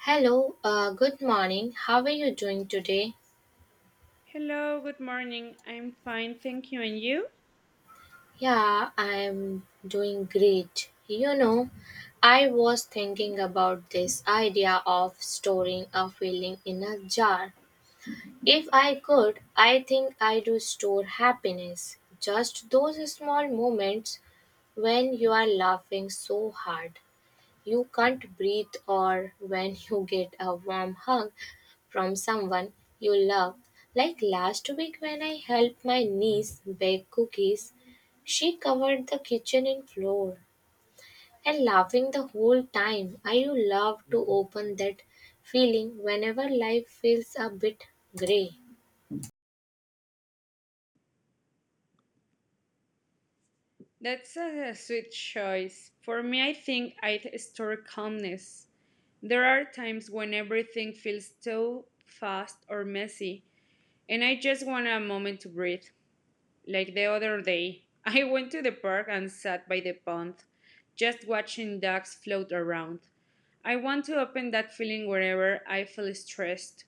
Hello, good morning. How are you doing today? Hello, good morning. I'm fine, thank you. And you? Yeah, I'm doing great. You know, I was thinking about this idea of storing a feeling in a jar. If I could, I think I'd store happiness. Just those small moments when you are laughing so hard you can't breathe, or when you get a warm hug from someone you love. Like last week when I helped my niece bake cookies, she covered the kitchen in flour and laughing the whole time. I would love to open that feeling whenever life feels a bit gray. That's a sweet choice. For me, I think I'd store calmness. There are times when everything feels too fast or messy, and I just want a moment to breathe. Like the other day, I went to the park and sat by the pond, just watching ducks float around. I want to open that feeling wherever I feel stressed.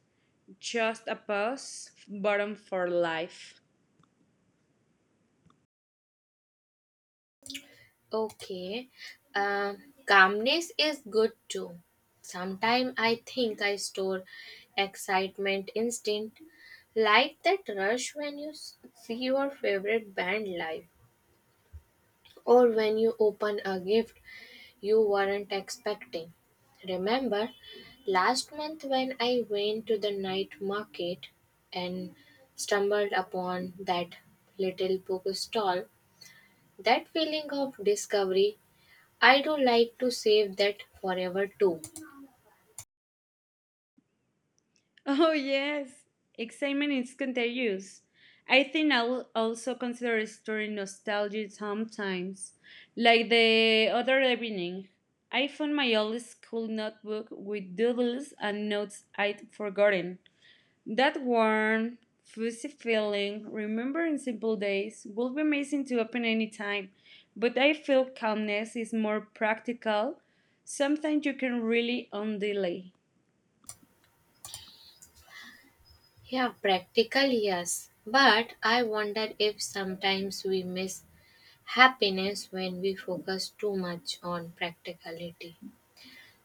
Just a pause button for life. Okay, uh, calmness is good too. Sometimes I think I store excitement instead. Like that rush when you see your favorite band live or when you open a gift you weren't expecting. Remember last month when I went to the night market and stumbled upon that little book stall? That feeling of discovery, I do like to save that forever too. Oh, yes. Excitement is contagious. I think I'll also consider restoring nostalgia sometimes. Like the other evening, I found my old school notebook with doodles and notes I'd forgotten. That warm, fuzzy feeling, remembering simple days, would be amazing to open any time. But I feel calmness is more practical. Sometimes you can really undelay. Yeah, practical, yes. But I wonder if sometimes we miss happiness when we focus too much on practicality.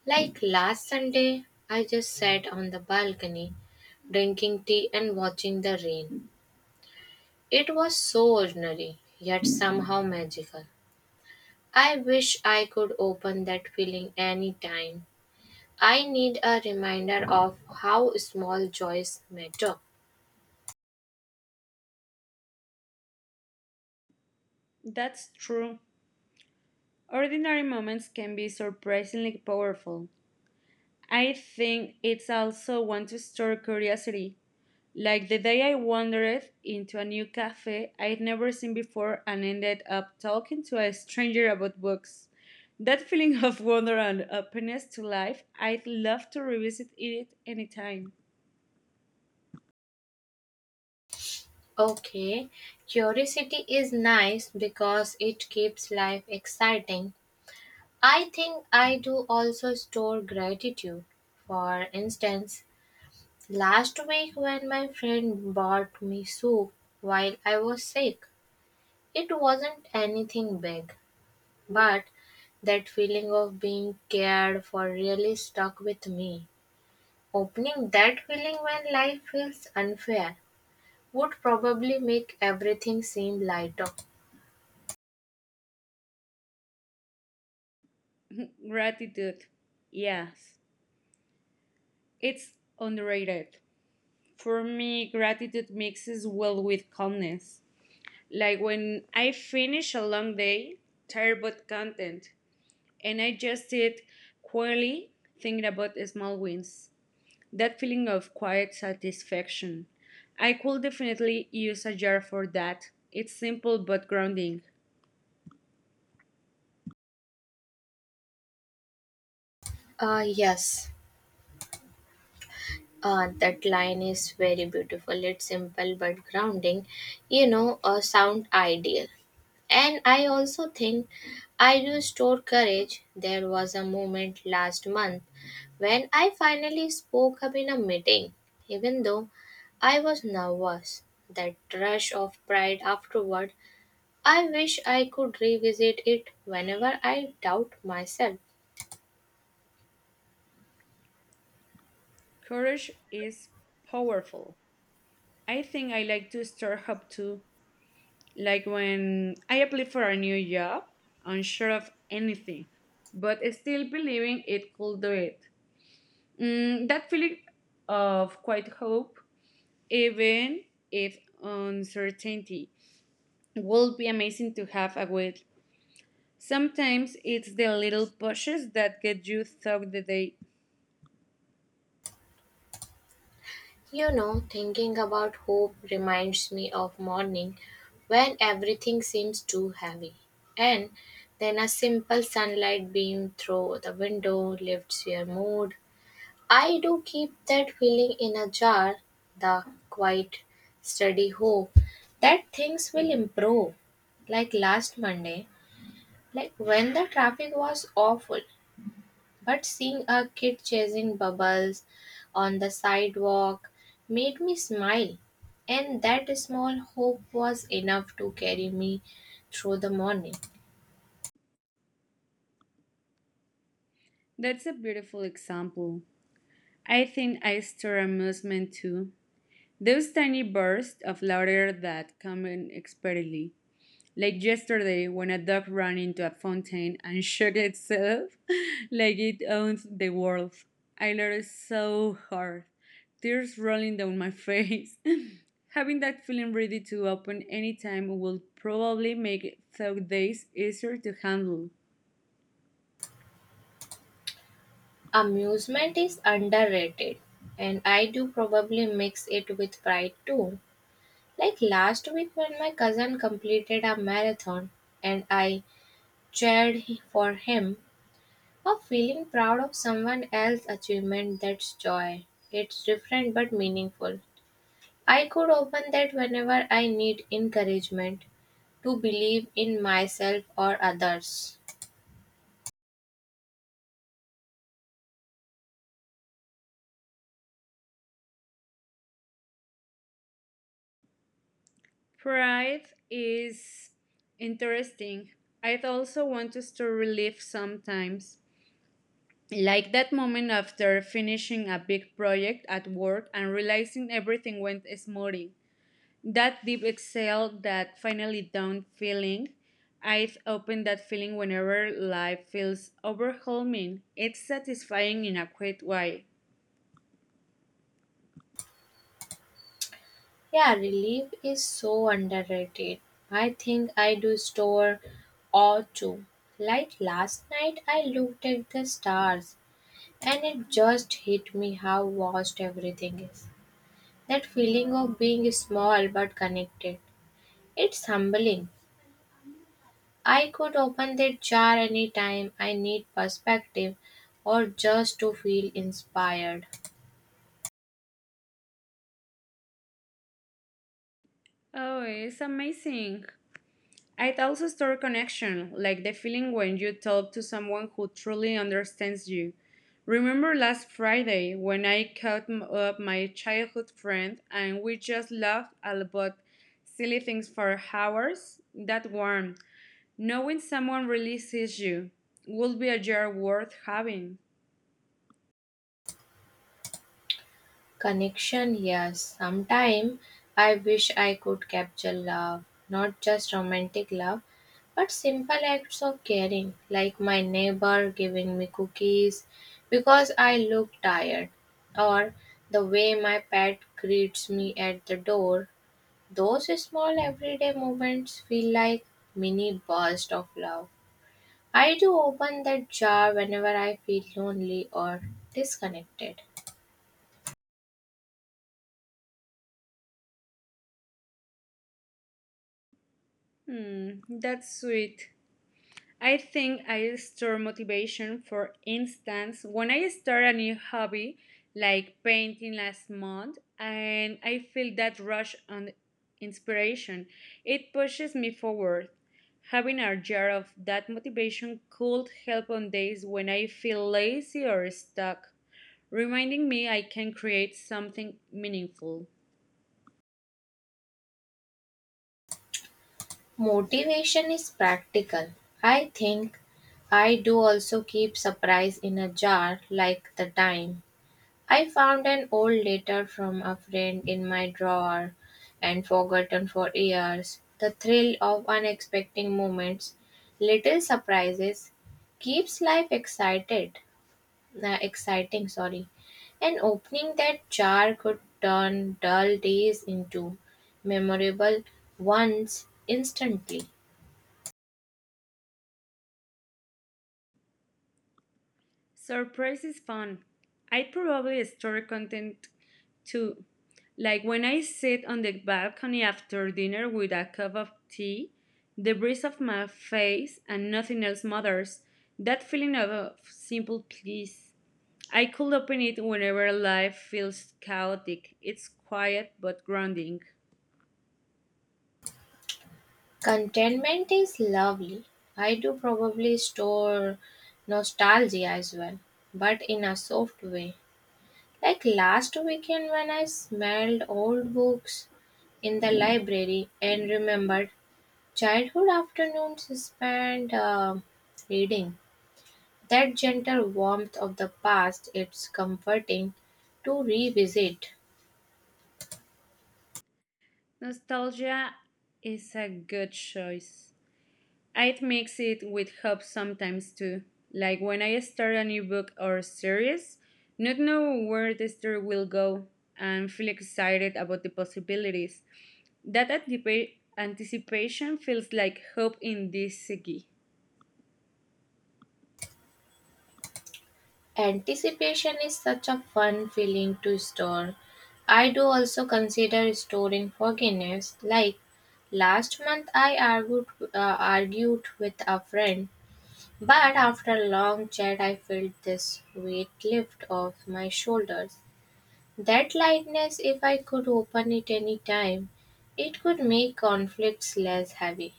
Like last Sunday, I just sat on the balcony drinking tea and watching the rain. It was so ordinary, yet somehow magical. I wish I could open that feeling anytime. I need a reminder of how small joys matter. That's true. Ordinary moments can be surprisingly powerful. I think it's also one to stir curiosity, like the day I wandered into a new cafe I'd never seen before and ended up talking to a stranger about books. That feeling of wonder and openness to life, I'd love to revisit it anytime. Okay, curiosity is nice because it keeps life exciting. I think I do also store gratitude. For instance, last week when my friend bought me soup while I was sick, it wasn't anything big, but that feeling of being cared for really stuck with me. Opening that feeling when life feels unfair would probably make everything seem lighter. Gratitude. Yes, it's underrated. For me, gratitude mixes well with calmness. Like when I finish a long day, tired but content, and I just sit quietly thinking about small wins. That feeling of quiet satisfaction. I could definitely use a jar for that. It's simple but grounding. Yes. That line is very beautiful. It's simple but grounding, you know, a sound ideal. And I also think I do store courage. There was a moment last month when I finally spoke up in a meeting, even though I was nervous. That rush of pride afterward, I wish I could revisit it whenever I doubt myself. Courage is powerful. I think I like to stir up too. Like when I apply for a new job, unsure of anything, but still believing it could do it. Mm, that feeling of quite hope, even if uncertainty, would be amazing to have a with. Sometimes it's the little pushes that get you through the day. You know, thinking about hope reminds me of morning when everything seems too heavy. And then a simple sunlight beam through the window lifts your mood. I do keep that feeling in a jar, the quiet, steady hope that things will improve. Like last Monday, like when the traffic was awful, but seeing a kid chasing bubbles on the sidewalk made me smile, and that small hope was enough to carry me through the morning. That's a beautiful example. I think I store amusement too. Those tiny bursts of laughter that come in expertly. Like yesterday, when a dog ran into a fountain and shook itself like it owns the world. I laughed so hard, tears rolling down my face. Having that feeling ready to open any time will probably make thought days easier to handle. Amusement is underrated, and I do probably mix it with pride too. Like last week, when my cousin completed a marathon and I cheered for him, or feeling proud of someone else's achievement, that's joy. It's different but meaningful. I could open that whenever I need encouragement to believe in myself or others. Pride is interesting. I also want to store relief sometimes. Like that moment after finishing a big project at work and realizing everything went smoothly. That deep exhale, that finally done feeling. I've opened that feeling whenever life feels overwhelming. It's satisfying in a quiet way. Yeah, relief is so underrated. I think I do store awe too. Like last night, I looked at the stars and it just hit me how vast everything is. That feeling of being small but connected, it's humbling. I could open that jar anytime I need perspective or just to feel inspired. Oh, it's amazing. It also stores connection, like the feeling when you talk to someone who truly understands you. Remember last Friday when I caught up my childhood friend and we just laughed about silly things for hours? That warm. Knowing someone really sees you would be a jar worth having. Connection, yes. Sometime I wish I could capture love, not just romantic love, but simple acts of caring, like my neighbor giving me cookies because I look tired, or the way my pet greets me at the door. Those small everyday moments feel like mini bursts of love. I do open that jar whenever I feel lonely or disconnected. Hmm, that's sweet. I think I store motivation. For instance, when I start a new hobby, like painting last month, and I feel that rush on inspiration, it pushes me forward. Having a jar of that motivation could help on days when I feel lazy or stuck, reminding me I can create something meaningful. Motivation is practical. I think I do also keep surprise in a jar like the time I found an old letter from a friend in my drawer and forgotten for years. The thrill of unexpected moments, little surprises, keeps life excited. The exciting, sorry. And opening that jar could turn dull days into memorable ones instantly. Surprise is fun. I probably store content Two, like when I sit on the balcony after dinner with a cup of tea, the breeze of my face and nothing else matters, that feeling of simple peace. I could open it whenever life feels chaotic. It's quiet but grounding. Contentment is lovely. I do probably store nostalgia as well, but in a soft way. Like last weekend when I smelled old books in the library and remembered childhood afternoons spent reading. That gentle warmth of the past, it's comforting to revisit. Nostalgia is a good choice. I'd mix it with hope sometimes too. Like when I start a new book or series, not know where the story will go and feel excited about the possibilities. That anticipation feels like hope in this segi. Anticipation is such a fun feeling to store. I do also consider storing forgiveness. Like last month, I argued with a friend, but after a long chat, I felt this weight lift off my shoulders. That lightness, if I could open it any time, it could make conflicts less heavy.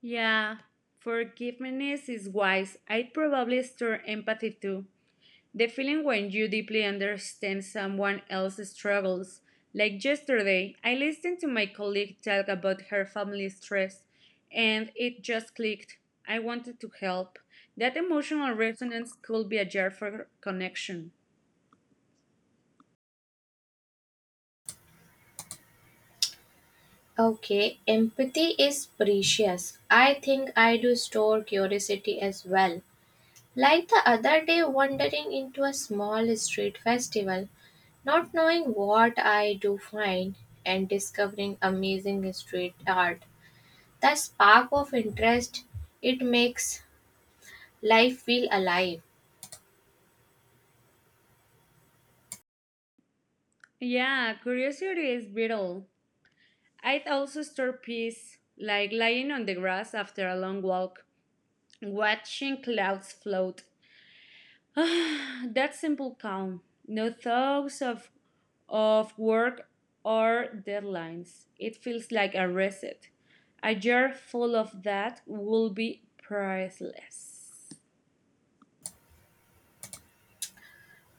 Yeah, forgiveness is wise. I'd probably store empathy too. The feeling when you deeply understand someone else's struggles. Like yesterday, I listened to my colleague talk about her family stress, and it just clicked. I wanted to help. That emotional resonance could be a jar for connection. Okay, empathy is precious. I think I do store curiosity as well. Like the other day, wandering into a small street festival, not knowing what I do find, and discovering amazing street art. The spark of interest, it makes life feel alive. Yeah, curiosity is brittle. I'd also store peace, like lying on the grass after a long walk. Watching clouds float. That simple calm, no thoughts of work or deadlines. It feels like a reset. A jar full of that will be priceless.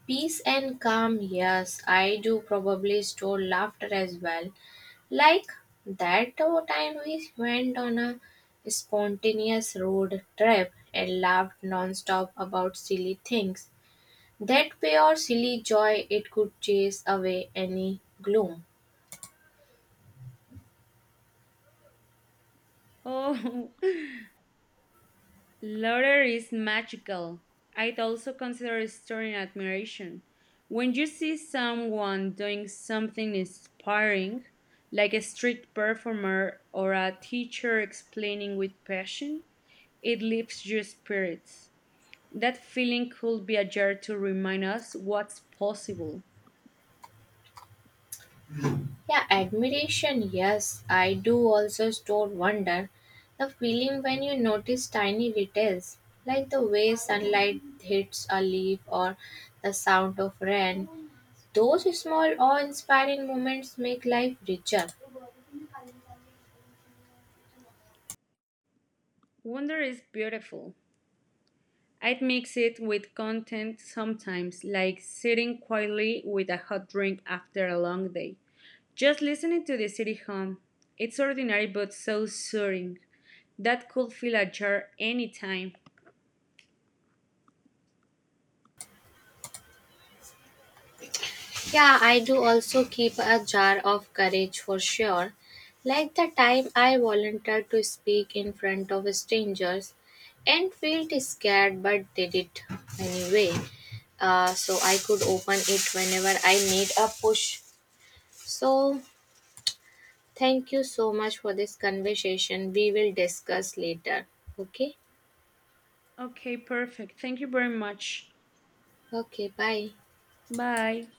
Peace and calm, yes, I do probably store laughter as well. Like that time we went on a spontaneous road trip and laughed non-stop about silly things. That pure silly joy, it could chase away any gloom. Oh, laughter is magical. I'd also consider storing admiration. When you see someone doing something inspiring, like a street performer or a teacher explaining with passion, it lifts your spirits. That feeling could be a jar to remind us what's possible. Yeah, admiration, yes, I do also store wonder. The feeling when you notice tiny details, like the way sunlight hits a leaf or the sound of rain. Those small awe-inspiring moments make life richer. Wonder is beautiful. I'd mix it with content sometimes, like sitting quietly with a hot drink after a long day. Just listening to the city hum. It's ordinary but so soothing. That could fill a jar anytime. Yeah, I do also keep a jar of courage for sure. Like the time I volunteered to speak in front of strangers and felt scared but did it anyway. So I could open it whenever I need a push. So thank you so much for this conversation. We will discuss later. Okay? Okay, perfect. Thank you very much. Okay, bye. Bye.